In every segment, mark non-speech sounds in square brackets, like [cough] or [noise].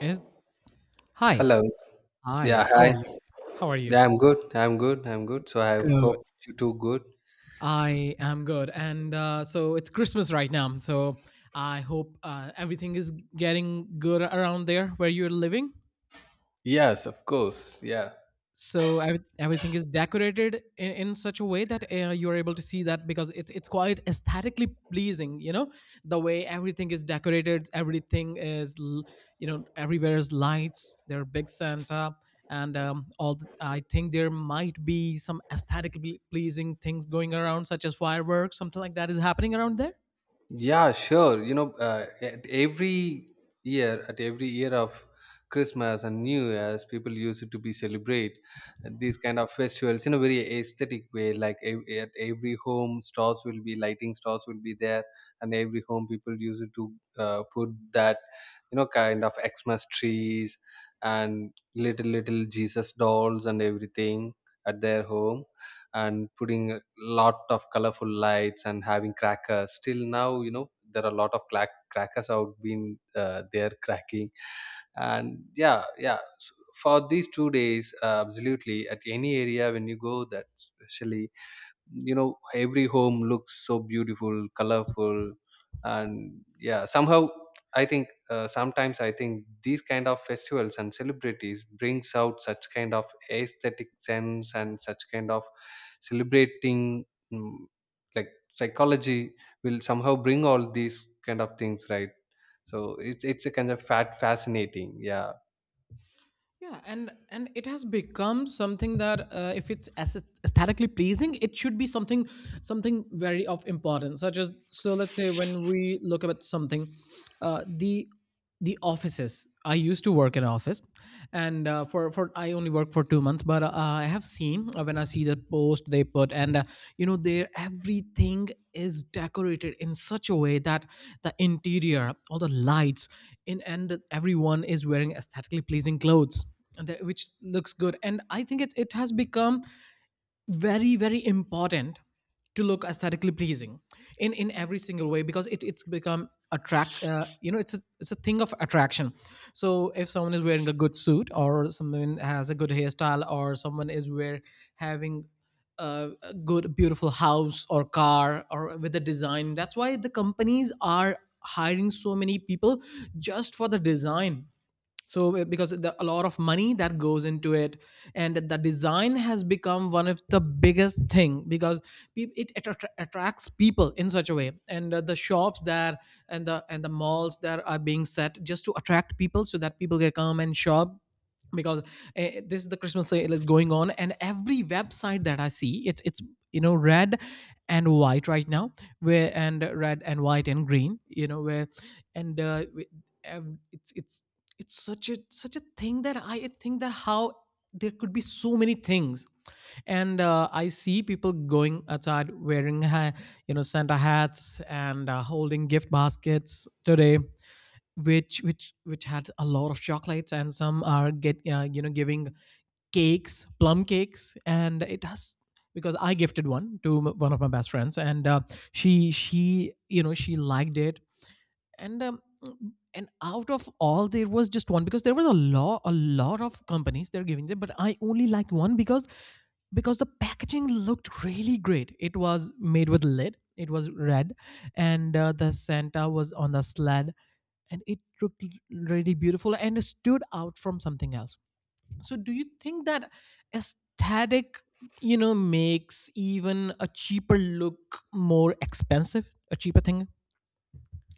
Is Hi, Hello. hi. Yeah, How are hi. you? How are you? Yeah, I'm good. I'm good. So I Good. hope you too good. I am good, and so it's Christmas right now. So I hope everything is getting good around there where you're living. Yes, of course. Yeah. So everything is decorated in such a way that you're able to see that, because it's quite aesthetically pleasing. You know the way everything is decorated, everything is everywhere is lights. There are big Santa, and I think there might be some aesthetically pleasing things going around, such as fireworks, something like that is happening around there. Yeah, sure. At every year of Christmas and New Year's, people used to be celebrate these kind of festivals in a very aesthetic way. Like at every home, stores will be lighting stores will be there, and every home people used to put that you know kind of Xmas trees and little Jesus dolls and everything at their home, and putting a lot of colorful lights and having crackers still now, you know, there are a lot of crackers out been there cracking. And yeah, yeah, for these two days, absolutely, at any area when you go, that especially, you know, every home looks so beautiful, colorful. And yeah, somehow I think, sometimes I think these kind of festivals and celebrities brings out such kind of aesthetic sense and such kind of celebrating, mm, like, psychology will somehow bring all these kind of things, right? So it's a kind of fat fascinating, yeah. Yeah, and it has become something that, if it's aesthetically pleasing, it should be something, very of importance, such as. So let's say, when we look at something, the offices, I used to work in office, and for I only work for two two months, but I have seen, when I see the post they put, and their everything is decorated in such a way that the interior, all the lights in, and everyone is wearing aesthetically pleasing clothes. And which looks good, and I think it has become very very important to look aesthetically pleasing in every single way, because it's become attract you know it's a thing of attraction. So if someone is wearing a good suit, or someone has a good hairstyle, or someone is wear having a good beautiful house, or car, or with a design. That's why the companies are hiring so many people just for the design. So because a lot of money that goes into it, and the design has become one of the biggest thing, because it attracts people in such a way. And the shops that and the malls that are being set just to attract people, so that people can come and shop. Because this is, the Christmas sale is going on, and every website that I see, it's you know red and white right now. Where? And red and white and green, you know, where? And ev- it's it's it's such a thing, that I think that how there could be so many things. And I see people going outside wearing Santa hats, and holding gift baskets today, which had a lot of chocolates. And some are get you know giving cakes, plum cakes. And it has, because I gifted one to one of my best friends, and she you know she liked it. And and out of all, there was just one, because there was a lot, of companies they're giving it, but I only like one. Because the packaging looked really great. It was made with lead, it was red, and the Santa was on the sled, and it looked really beautiful and stood out from something else. So do you think that aesthetic, makes even a cheaper look more expensive, a cheaper thing?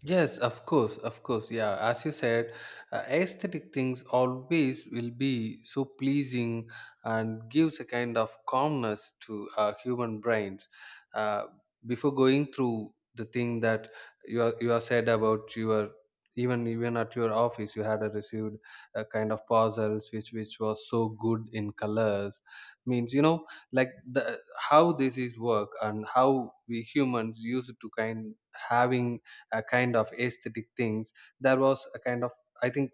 Yes, of course, of course. Yeah, as you said, aesthetic things always will be so pleasing and gives a kind of calmness to our human brains. Uh, before going through the thing that you are said about your, even even at your office, you had a received a kind of puzzles which was so good in colors. Means, you know, like, the how this is work and how we humans used to kind having a kind of aesthetic things, there was a kind of, I think,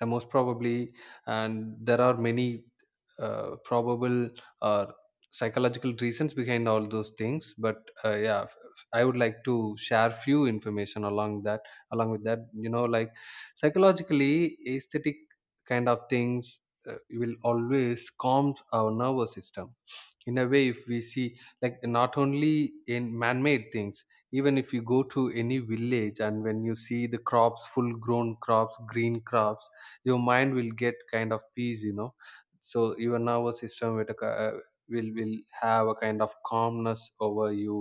most probably, and there are many probable or psychological reasons behind all those things. But uh, yeah f- I would like to share few information along that, along with that, you know, like psychologically aesthetic kind of things uh, will always calm our nervous system. In a way, if we see, like, not only in man-made things, even if you go to any village and when you see the crops, full grown crops, green crops, your mind will get kind of peace, you know. So your nervous system will will have a kind of calmness over you,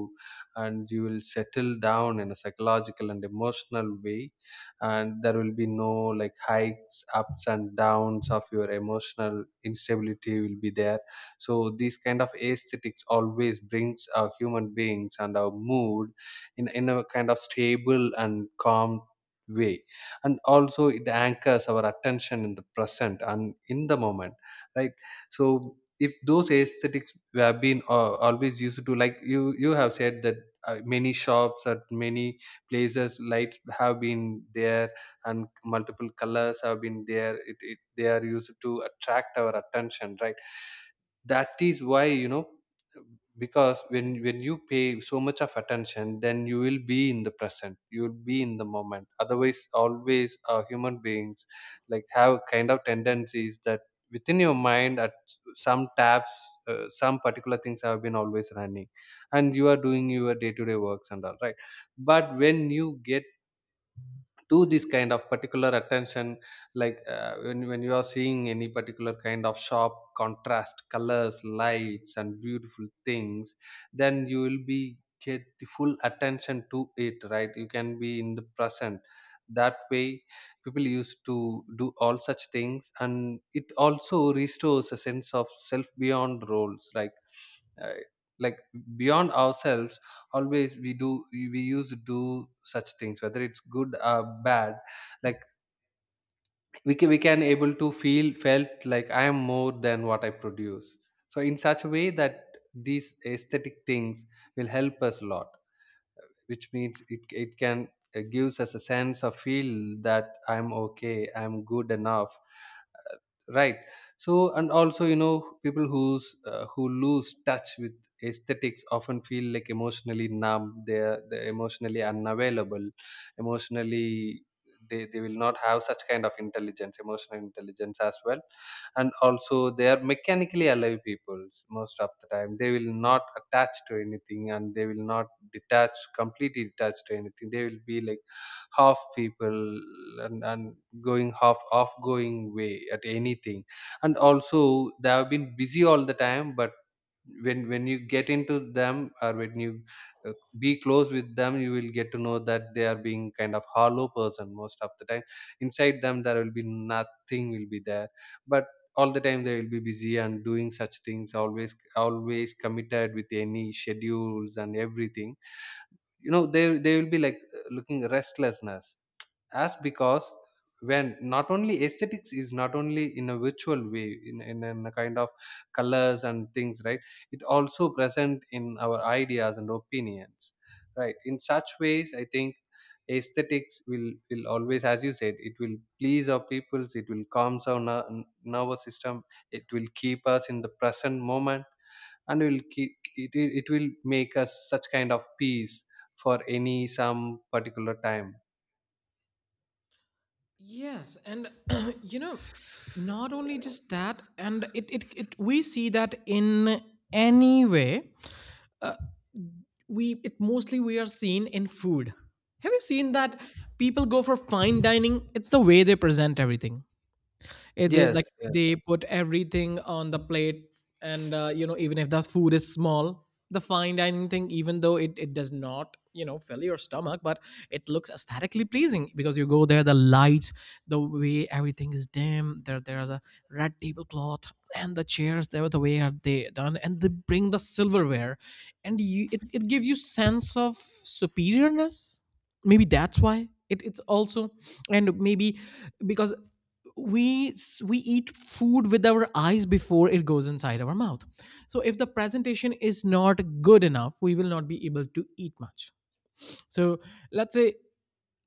and you will settle down in a psychological and emotional way, and there will be no like hikes, ups and downs of your emotional instability will be there. So these kind of aesthetics always brings our human beings and our mood in a kind of stable and calm way. And also it anchors our attention in the present and in the moment, right? So if those aesthetics have been, always used to, like you have said that, many shops at many places, lights have been there, and multiple colors have been there, it they are used to attract our attention, right? That is why, you know, because when you pay so much of attention, then you will be in the present, you will be in the moment. Otherwise always human beings like have kind of tendencies that within your mind at some tabs, some particular things have been always running, and you are doing your day to day works and all, right? But when you get do this kind of particular attention, like when you are seeing any particular kind of sharp contrast colors, lights and beautiful things, then you will be get the full attention to it, right? You can be in the present. That way people used to do all such things, and it also restores a sense of self beyond roles, like uh, like beyond ourselves. Always we do, we used to do such things, whether it's good or bad. Like we can able to feel felt like I am more than what I produce. So in such a way that these aesthetic things will help us a lot, which means it can gives us a sense of feel that I'm okay, I'm good enough, right? So and also, you know, people who's who lose touch with aesthetics often feel like emotionally numb, they're emotionally unavailable, emotionally they will not have such kind of intelligence, emotional intelligence as well. And also they are mechanically alive peoples, most of the time they will not attach to anything and they will not detach, completely detached to anything. They will be like half people, and going half off, going way at anything. And also they have been busy all the time. But when you get into them, or when you uh, be close with them, you will get to know that they are being kind of hollow person most of the time. Inside them, there will be nothing will be there. But all the time they will be busy and doing such things, always always committed with any schedules and everything, you know. They will be like looking restlessness, as because when not only aesthetics is not only in a virtual way, in a kind of colors and things, right? It also present in our ideas and opinions, right? In such ways, I think aesthetics will always, as you said, it will please our peoples, it will calm our nervous system, it will keep us in the present moment, and will keep it, it will make us such kind of peace for any some particular time. Yes, and [clears throat] you know, not only just that. And it, we see that in any way. Uh, we, it mostly, we are seen in food. Have you seen that people go for fine dining? It's the way they present everything. They, Yes, like yes. they put everything on the plate, and even if the food is small, the fine dining thing, even though it does not fill your stomach. But it looks aesthetically pleasing, because you go there, the lights, the way everything is dim, there's a red tablecloth and the chairs there, the way are they done, and they bring the silverware. And you it gives you sense of superiorness. Maybe that's why it's also. And maybe, because we eat food with our eyes before it goes inside our mouth. So if the presentation is not good enough, we will not be able to eat much. So let's say,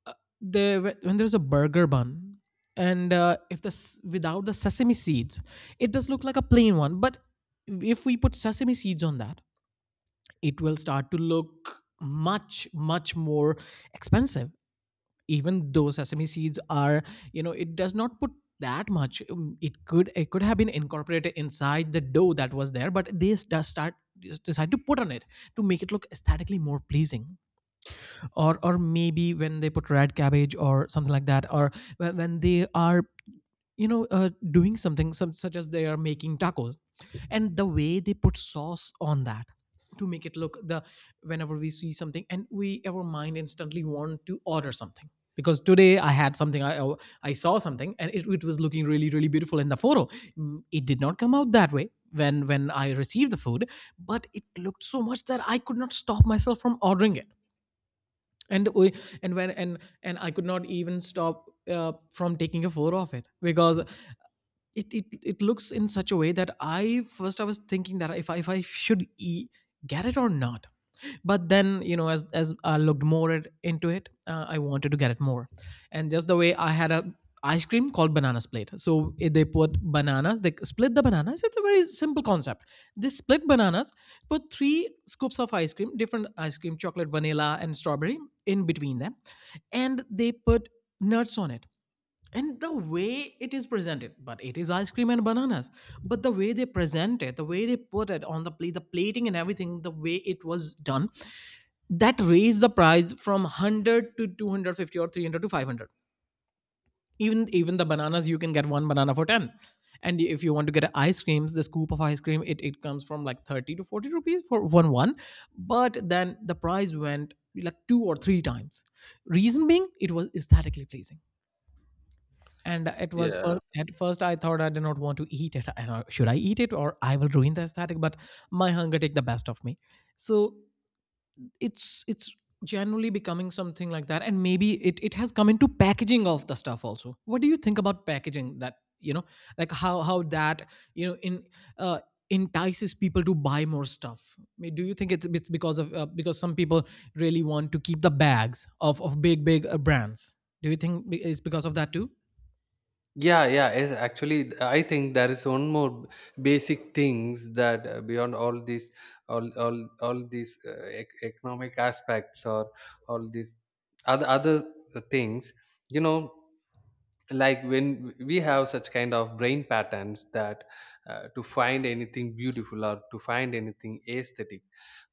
uh, the when there's a burger bun. And if without the sesame seeds, it does look like a plain one. But if we put sesame seeds on that, it will start to look much much more expensive, even though sesame seeds are, it does not put that much. It could have been incorporated inside the dough that was there, but they just decide to put on it, to make it look aesthetically more pleasing. Or maybe when they put red cabbage or something like that. Or when they are, doing something, such as they are making tacos, and the way they put sauce on that to make it look the — whenever we see something, and we our mind instantly want to order something. Because today I had something, I saw something, and it was looking really really beautiful in the photo. It did not come out that way when I received the food, but it looked so much that I could not stop myself from ordering it. And we- and when and and I could not even stop, from taking a photo of it, because it looks in such a way that I was thinking that if I should get it or not. But then, as I looked more into it, I wanted to get it more. And just the way I had a ice cream called banana split. So they put bananas, they split the bananas, it's a very simple concept. They split bananas, put three scoops of ice cream, different ice cream: chocolate, vanilla and strawberry in between them. And they put nuts on it. And the way it is presented, but it is ice cream and bananas, but the way they present it, the way they put it on the plate, the plating and everything, the way it was done — that raised the price from 100 to 250 or 300 to 500. Even the bananas, you can get one banana for 10. And if you want to get ice creams, the scoop of ice cream, it comes from like 30 to 40 rupees for one one. But then the price went like two or three times. Reason being it was aesthetically pleasing. And it was Yeah. first at first I thought I did not want to eat it. And I- know, should I eat it, or I will ruin the aesthetic? But my hunger take the best of me. So it's generally becoming something like that. And maybe it has come into packaging of the stuff also. What do you think about packaging that, like how that you know in uh, entices people to buy more stuff? I mean, do you think it's because of because some people really want to keep the bags of big brands? Do you think it's because of that too? Yeah, yeah. Yes, actually, I think there is one more basic things that, beyond all these, all all these economic aspects or all these other things, you know. Like when we have such kind of brain patterns that, to find anything beautiful or to find anything aesthetic,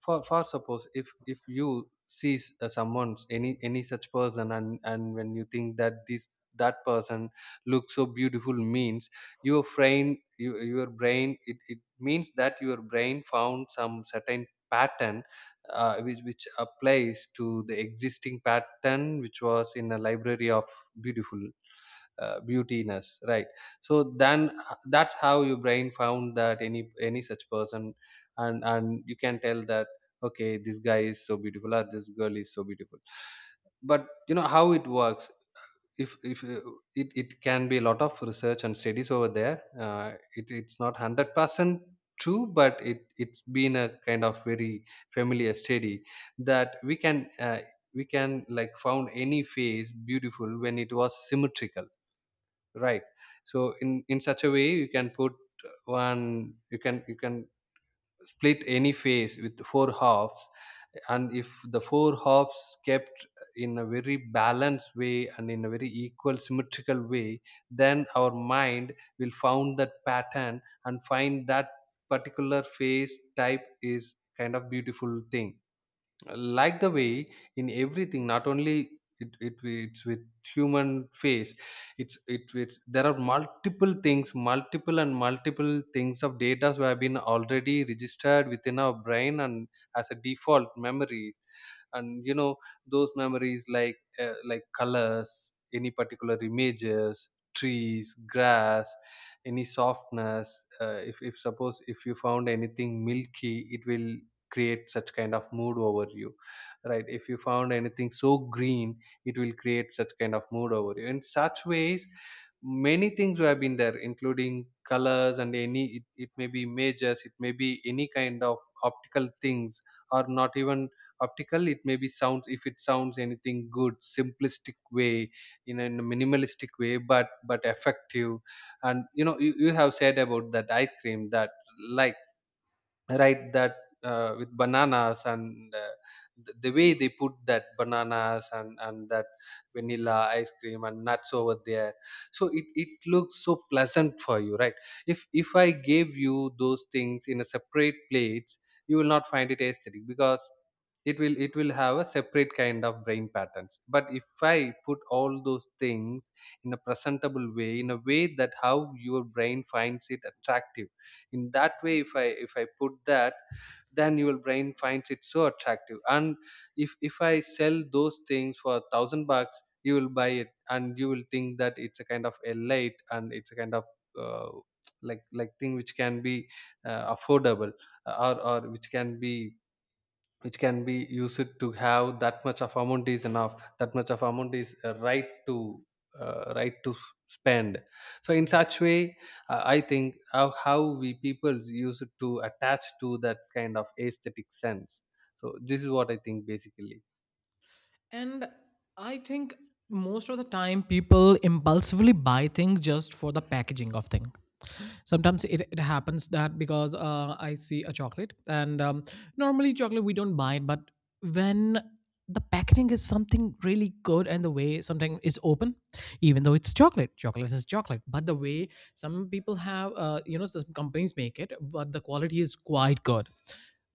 for suppose, if you see someone's, any such person, and when you think that this, that person looks so beautiful, means your brain, your brain, it means that your brain found some certain pattern, which applies to the existing pattern which was in a library of beautiful, beautiness, right? So then that's how your brain found that any such person, and you can tell that, okay, this guy is so beautiful or this girl is so beautiful. But you know how it works. If it can be a lot of research and studies over there, it, it's not 100% true, but it it's been a kind of very familiar study, that we can we can, like, found any face beautiful when it was symmetrical, right? So in such a way, you can put one, you can split any phase with four halves, and if the four halves kept in a very balanced way and in a very equal symmetrical way, then our mind will found that pattern and find that particular phase type is kind of beautiful thing. Like the way in everything, not only it it's with human face, it's there are multiple things, multiple and multiple things of data who have been already registered within our brain, and as a default memories. And you know, those memories, like colors, any particular images, trees, grass, any softness, if suppose if you found anything milky, it will create such kind of mood over you, right? If you found anything so green, it will create such kind of mood over you. In such ways, many things have been there, including colors, and any, it may be images, it may be any kind of optical things, or not even optical, it may be sounds, if it sounds anything good, simplistic way, in a minimalistic way but effective. And you know, you have said about that ice cream that, like, right, that, with bananas and, the way they put that bananas and that vanilla ice cream and nuts over there, so it looks so pleasant for you, right? If I gave you those things in a separate plates, you will not find it aesthetic because it will have a separate kind of brain patterns. But if I put all those things in a presentable way, in a way that how your brain finds it attractive, in that way if I put that, then your brain finds it so attractive. And if I sell those things for 1,000 bucks, you will buy it, and you will think that it's a kind of a light, and it's a kind of uh, like thing which can be affordable, or which can be, used to have. That much of amount is enough, that much of amount is right to spend. So in such way, I think how we people use it to attach to that kind of aesthetic sense. So this is what I think basically. And I think most of the time people impulsively buy things just for the packaging of thing. Sometimes it happens that, because I see a chocolate, and normally chocolate we don't buy it. But when the packaging is something really good, and the way something is open, even though it's chocolate, chocolate is chocolate. But the way some people have, some companies make it, but the quality is quite good.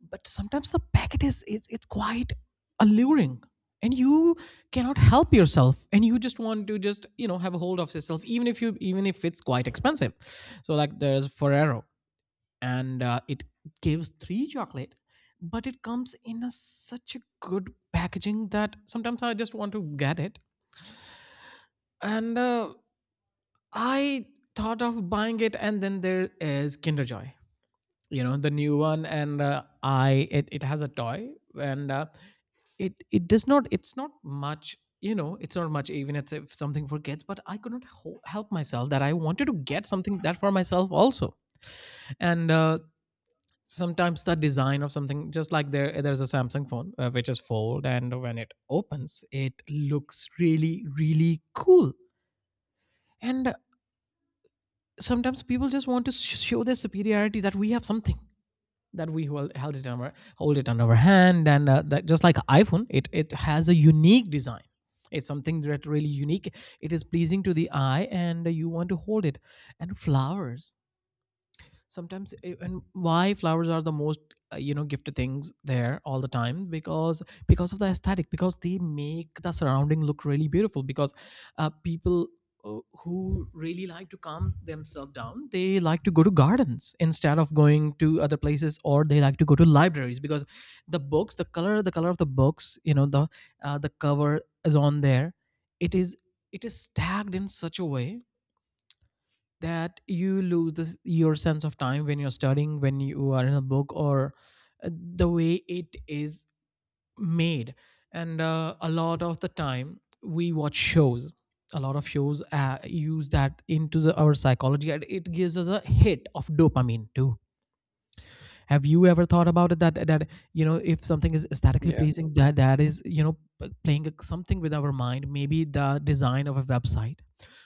But sometimes the packet it's quite alluring, and you cannot help yourself, and you just want to just have a hold of yourself, even if it's quite expensive. So like there's Ferrero, and it gives three chocolate, but it comes in such a good packaging that sometimes I just want to get it. And I thought of buying it. And then there is Kinder Joy, the new one, and I it has a toy. And it does not, it's not much, even it's, if something for kids. But I could not help myself, that I wanted to get something that for myself also. And sometimes the design of something, just like there's a Samsung phone, which is fold, and when it opens it looks really really cool. And sometimes people just want to show their superiority that we have something, that we held it on hold it on our hand. And that, just like iPhone, it has a unique design. It's something that really unique, it is pleasing to the eye and you want to hold it. And flowers, sometimes, and why flowers are the most You know, gifted things there all the time because of the aesthetic, because they make the surrounding look really beautiful because people who really like to calm themselves down, they like to go to gardens instead of going to other places, or they like to go to libraries because the books, the color of the books, you know, the cover is on there. It is, it is tagged in such a way that you lose this your sense of time when you're studying, when you are in a book, or the way it is made. And a lot of the time we watch shows, a lot of shows use that into the, our psychology, and it gives us a hit of dopamine too. Have you ever thought about it that that you know, if something is aesthetically Yeah. pleasing, that that is playing something with our mind? Maybe the design of a website,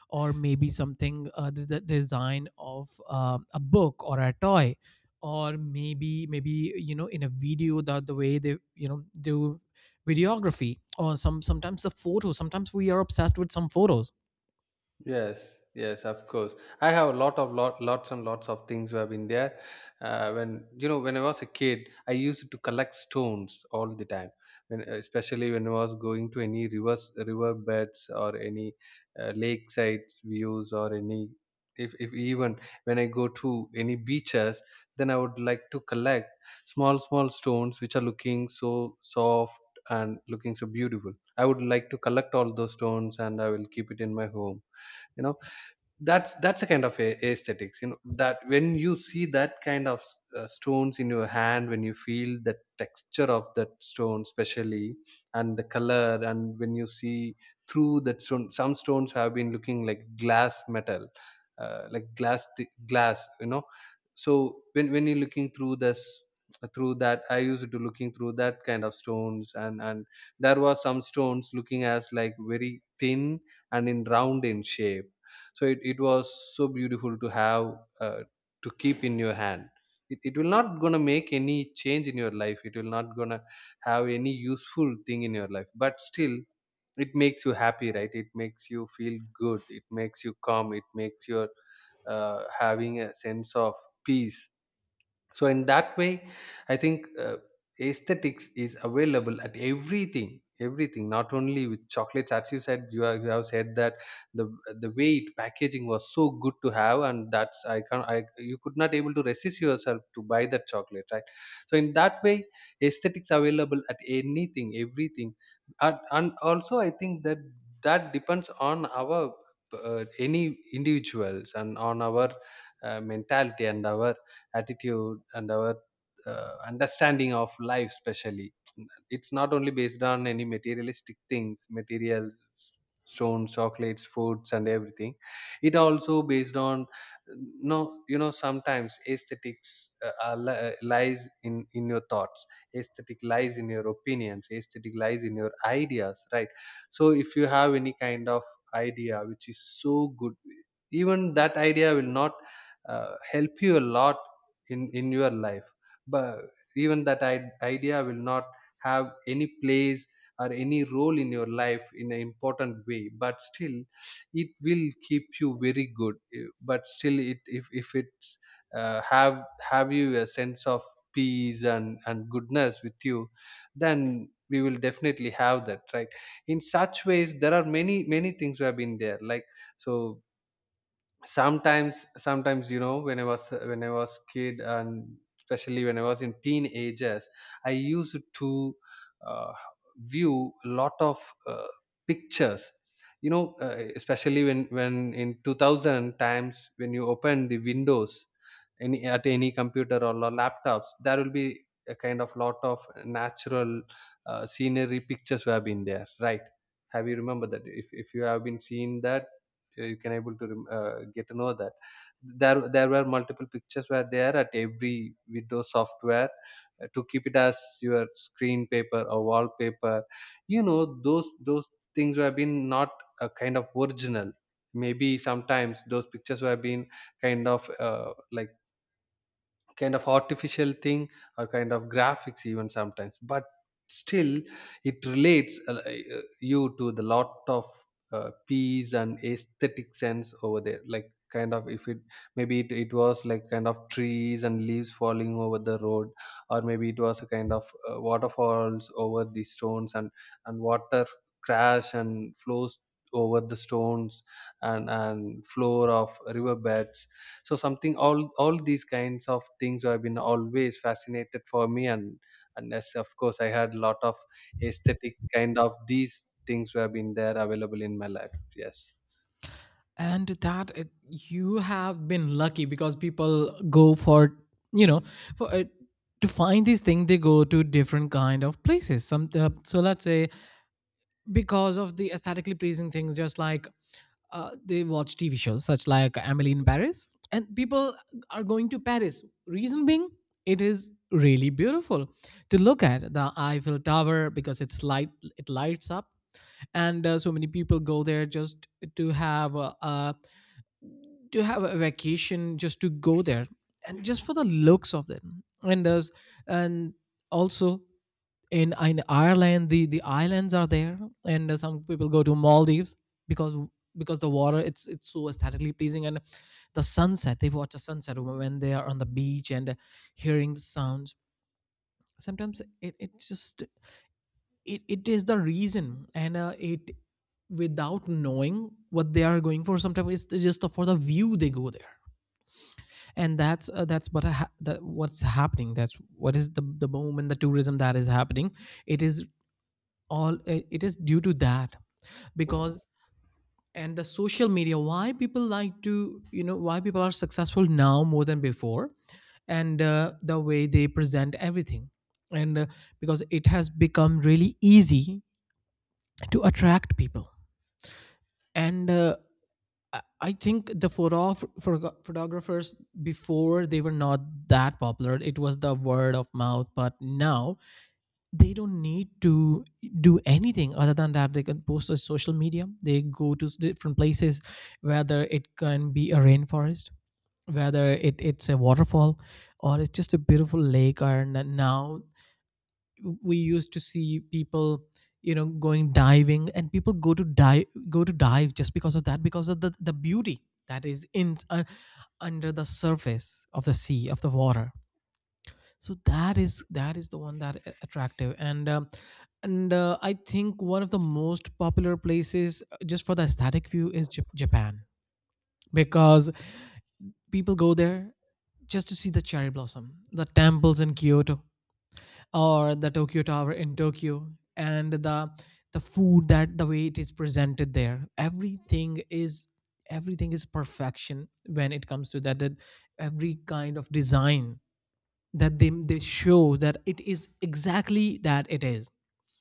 or maybe something the design of a book or a toy, or maybe you know, in a video, that the way they, you know, do videography, or sometimes the photo, sometimes we are obsessed with some photos. Yes, yes, of course. I have a lot of lots and lots of things who have been there. When I was a kid, I used to collect stones all the time. When especially when I was going to any rivers, river beds, or any lakeside views, or any, if even when I go to any beaches, then I would like to collect small stones which are looking so soft and looking so beautiful. I would like to collect all those stones, and I will keep it in my home, you know. That's a kind of a aesthetics, you know, that when you see that kind of stones in your hand, when you feel the texture of that stone especially, and the color, and when you see through that stone, some stones have been looking like glass metal, like glass, you know. So when you're looking through that, I used to looking through that kind of stones, and there was some stones looking as like very thin, and in round in shape. So it was so beautiful to have, to keep in your hand. It will not gonna make any change in your life, it will not gonna have any useful thing in your life, but still it makes you happy, right? It makes you feel good, it makes you calm, it makes your having a sense of peace. So in that way, I think aesthetics is available at everything, everything, not only with chocolates. As you said, you have said that the the way it packaging was so good to have, and that's, I can I you could not able to resist yourself to buy that chocolate, right? So in that way, aesthetics available at anything, everything. And also, I think that that depends on our any individuals, and on our mentality, and our attitude, and our understanding of life especially. It's not only based on any materialistic things: materials, stones, chocolates, foods, and everything. It also based on, no, you know, sometimes aesthetics lies in your thoughts. Aesthetic lies in your opinions, aesthetic lies in your ideas, right? So if you have any kind of idea which is so good, even that idea will not help you a lot in your life, but even that idea will not have any place or any role in your life in an important way, but still it will keep you very good, but still it, if it's have you a sense of peace and goodness with you, then we will definitely have that, right? In such ways, there are many many things we have been there, like. So sometimes, you know, when I was kid, and especially when I was in teenagers, I used to uh, view a lot of uh, pictures, you know, especially when in 2000 times, when you open the windows, any at any computer or laptops, there will be a kind of lot of natural scenery pictures who have been there, right? Have you remember that? If you have been seeing that, you can able to get to know that there were multiple pictures were there at every windows software, to keep it as your screen paper or wallpaper. You know, those things were been not a kind of original. Maybe sometimes those pictures were been kind of like kind of artificial thing, or kind of graphics even sometimes, but still it relates, you to the lot of peace and aesthetic sense over there, like kind of, if it, maybe it was like kind of trees and leaves falling over the road, or maybe it was a kind of waterfalls over the stones, and water crash and flows over the stones, and floor of riverbeds. So something, all these kinds of things have been always fascinated for me, and as of course I had a lot of aesthetic kind of these things were been there available in my life, yes. And that it, you have been lucky because people go for, you know, for to find these things. They go to different kind of places. Some so let's say, because of the aesthetically pleasing things, just like they watch TV shows such like Emily in Paris, and people are going to Paris. Reason being, it is really beautiful to look at the Eiffel Tower because it's light, it lights up, and so many people go there just to have a to have a vacation, just to go there, and just for the looks of them. And there's and also in Ireland, the islands are there, and some people go to Maldives because because the water, it's so aesthetically pleasing, and the sunset, they watch a sunset when they are on the beach and hearing the sounds. Sometimes it, it just it, it is the reason. And it without knowing what they are going for, sometimes it's just for the view they go there. And that's what that what's happening, that's what is the boom and the tourism that is happening. It is all it is due to that, because and the social media, why people like to, you know, why people are successful now more than before. And the way they present everything. And because it has become really easy to attract people. And i I think the photographers before, they were not that popular, it was the word of mouth, but now they don't need to do anything other than that, they can post on social media. They go to different places, whether it can be a rainforest, whether it, it's a waterfall, or it's just a beautiful lake. Or now we used to see people, you know, going diving, and people go to dive just because of that, because of the beauty that is in under the surface of the sea, of the water. So that is the one that a- attractive. And and I think one of the most popular places just for the aesthetic view is Japan, because people go there just to see the cherry blossom, the temples in Kyoto, or the Tokyo Tower in Tokyo. And the food, that the way it is presented there, everything is perfection when it comes to that, that every kind of design that they show, that it is exactly that it is,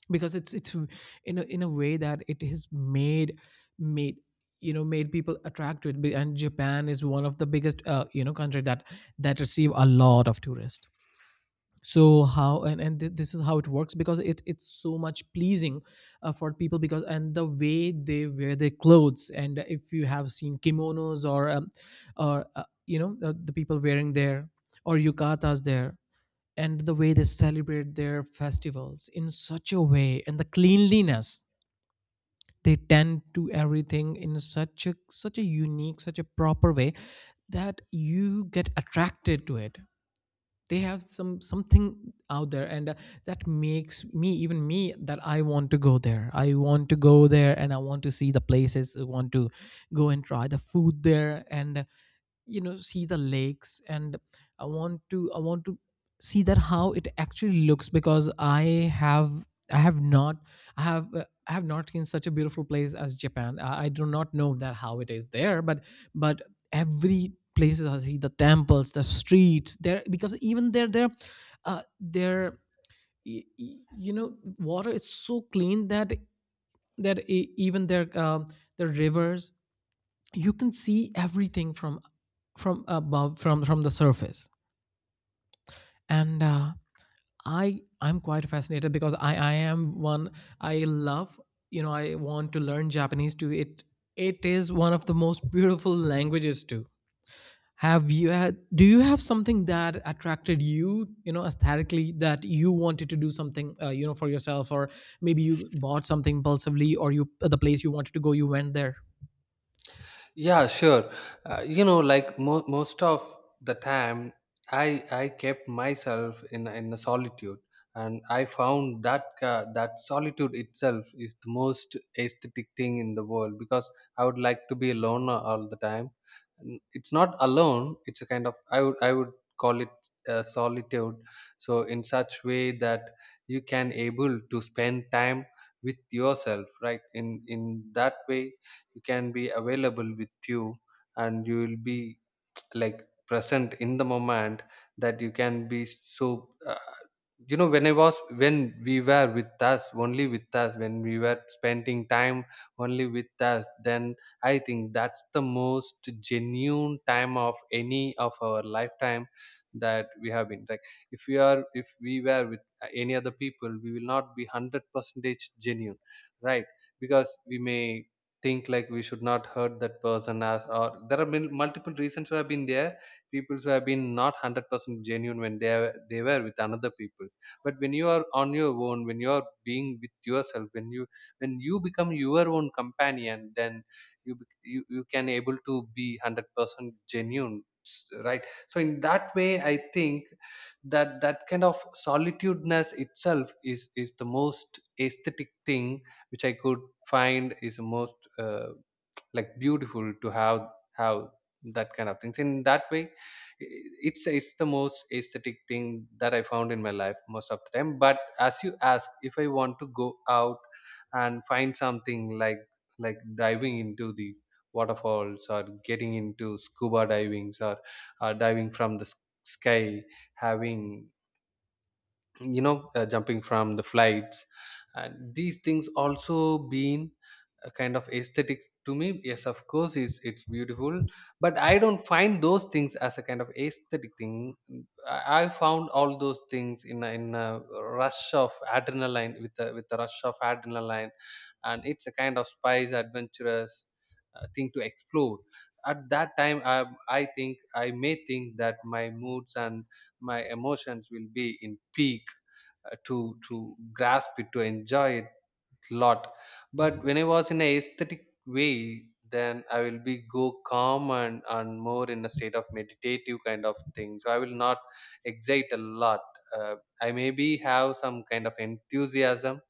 because it's in a way that it has made made, you know, made people attract to it. And Japan is one of the biggest you know, country that that receive a lot of tourists. So how and, thi- this is how it works, because it it's so much pleasing for people. Because and the way they wear their clothes, and if you have seen kimonos, or you know, the people wearing their or yukatas there, and the way they celebrate their festivals in such a way, and the cleanliness, they tend to everything in such a such a unique, such a proper way that you get attracted to it. They have some something out there, and that makes me, even me, that I want to go there, I want to go there, and I want to see the places. I want to go and try the food there. And you know, see the lakes, and I want to see that how it actually looks, because I have I have not I have not seen such a beautiful place as Japan. I do not know that how it is there, but every places I see, the temples, the streets there, because even there there uh there you know, water is so clean that that even their the rivers, you can see everything from above, from the surface. And I'm quite fascinated because I am one, I love, you know, I want to learn Japanese too. It is one of the most [laughs] beautiful languages too. Have you had, do you have something that attracted you, you know, aesthetically, that you wanted to do something you know, for yourself, or maybe you bought something impulsively, or you the place you wanted to go, you went there? Yeah, sure. Most of the time, I kept myself in a solitude, and I found that solitude itself is the most aesthetic thing in the world, because I would like to be alone all the time. It's not alone; it's a kind of, I would call it solitude. So in such way that you can able to spend time with yourself, right? In that way, you can be available with you, and you will be, like, present in the moment, that you can be so, you know, when I was when we were with us, only with us, when we were spending time only with us, then I think that's the most genuine time of any of our lifetime that we have been, like. If we are if we were with any other people, we will not be 100 percentage genuine, right? Because we may think, like, we should not hurt that person, as, or there have been multiple reasons who have been there, people who have been not 100% genuine when they were with another people. But when you are on your own, when you are being with yourself, when you become your own companion, then you can able to be 100% genuine, right? So in that way, I think that that kind of solitudeness itself is the most aesthetic thing, which I could find, is the most like beautiful to have that kind of things. In that way, i- it's the most aesthetic thing that I found in my life most of the time. But as you ask, if I want to go out and find something like, like diving into the waterfalls, or getting into scuba divings, or diving from the sky, having, you know, jumping from the flights, and these things also been a kind of aesthetic to me. Yes, of course, it's beautiful, but I don't find those things as a kind of aesthetic thing. I found all those things in a rush of adrenaline, with a rush of adrenaline, and it's a kind of spice adventurous thing to explore. At that time, I think I may think that my moods and my emotions will be in peak, to grasp it, to enjoy it a lot. But when I was in a aesthetic way, then I will be go calm, and more in a state of meditative kind of thing, so I will not excite a lot. uh, I maybe have some kind of enthusiasm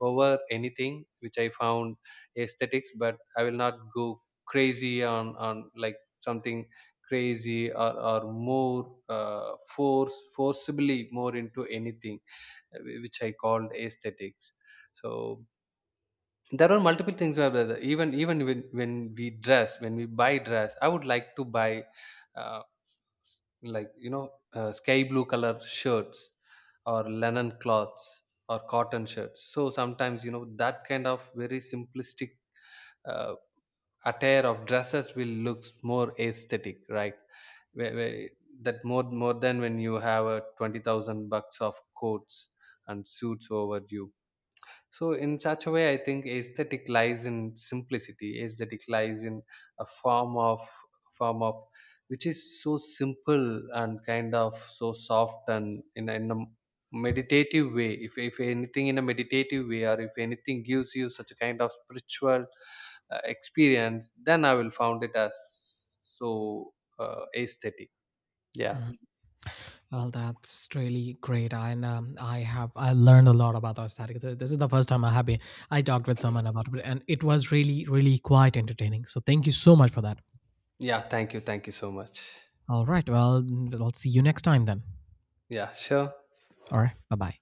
over anything which I found aesthetics, but I will not go crazy on like something crazy, or more force forcibly more into anything, which I called aesthetics. So there are multiple things where even when we dress, when we buy dress, I would like to buy uh, like you know sky blue color shirts, or linen cloths, or cotton shirts. So sometimes, you know, that kind of very simplistic uh, attire of dresses will looks more aesthetic, right? Where that, more than when you have a 20,000 bucks of coats and suits over you. So in such a way, I think aesthetic lies in simplicity. Aesthetic lies in a form of which is so simple, and kind of so soft, and in a meditative way. If anything in a meditative way, or if anything gives you such a kind of spiritual experience, then I will found it as so aesthetic. Yeah, Mhm. Well, that's really great, and I have I learned a lot about aesthetic. This is the first time I have been I talked with someone about it, and it was really really quite entertaining. So thank you so much for that. yeah. Thank you so much. All right, well, I'll see you next time then. Yeah, sure. All right, bye bye.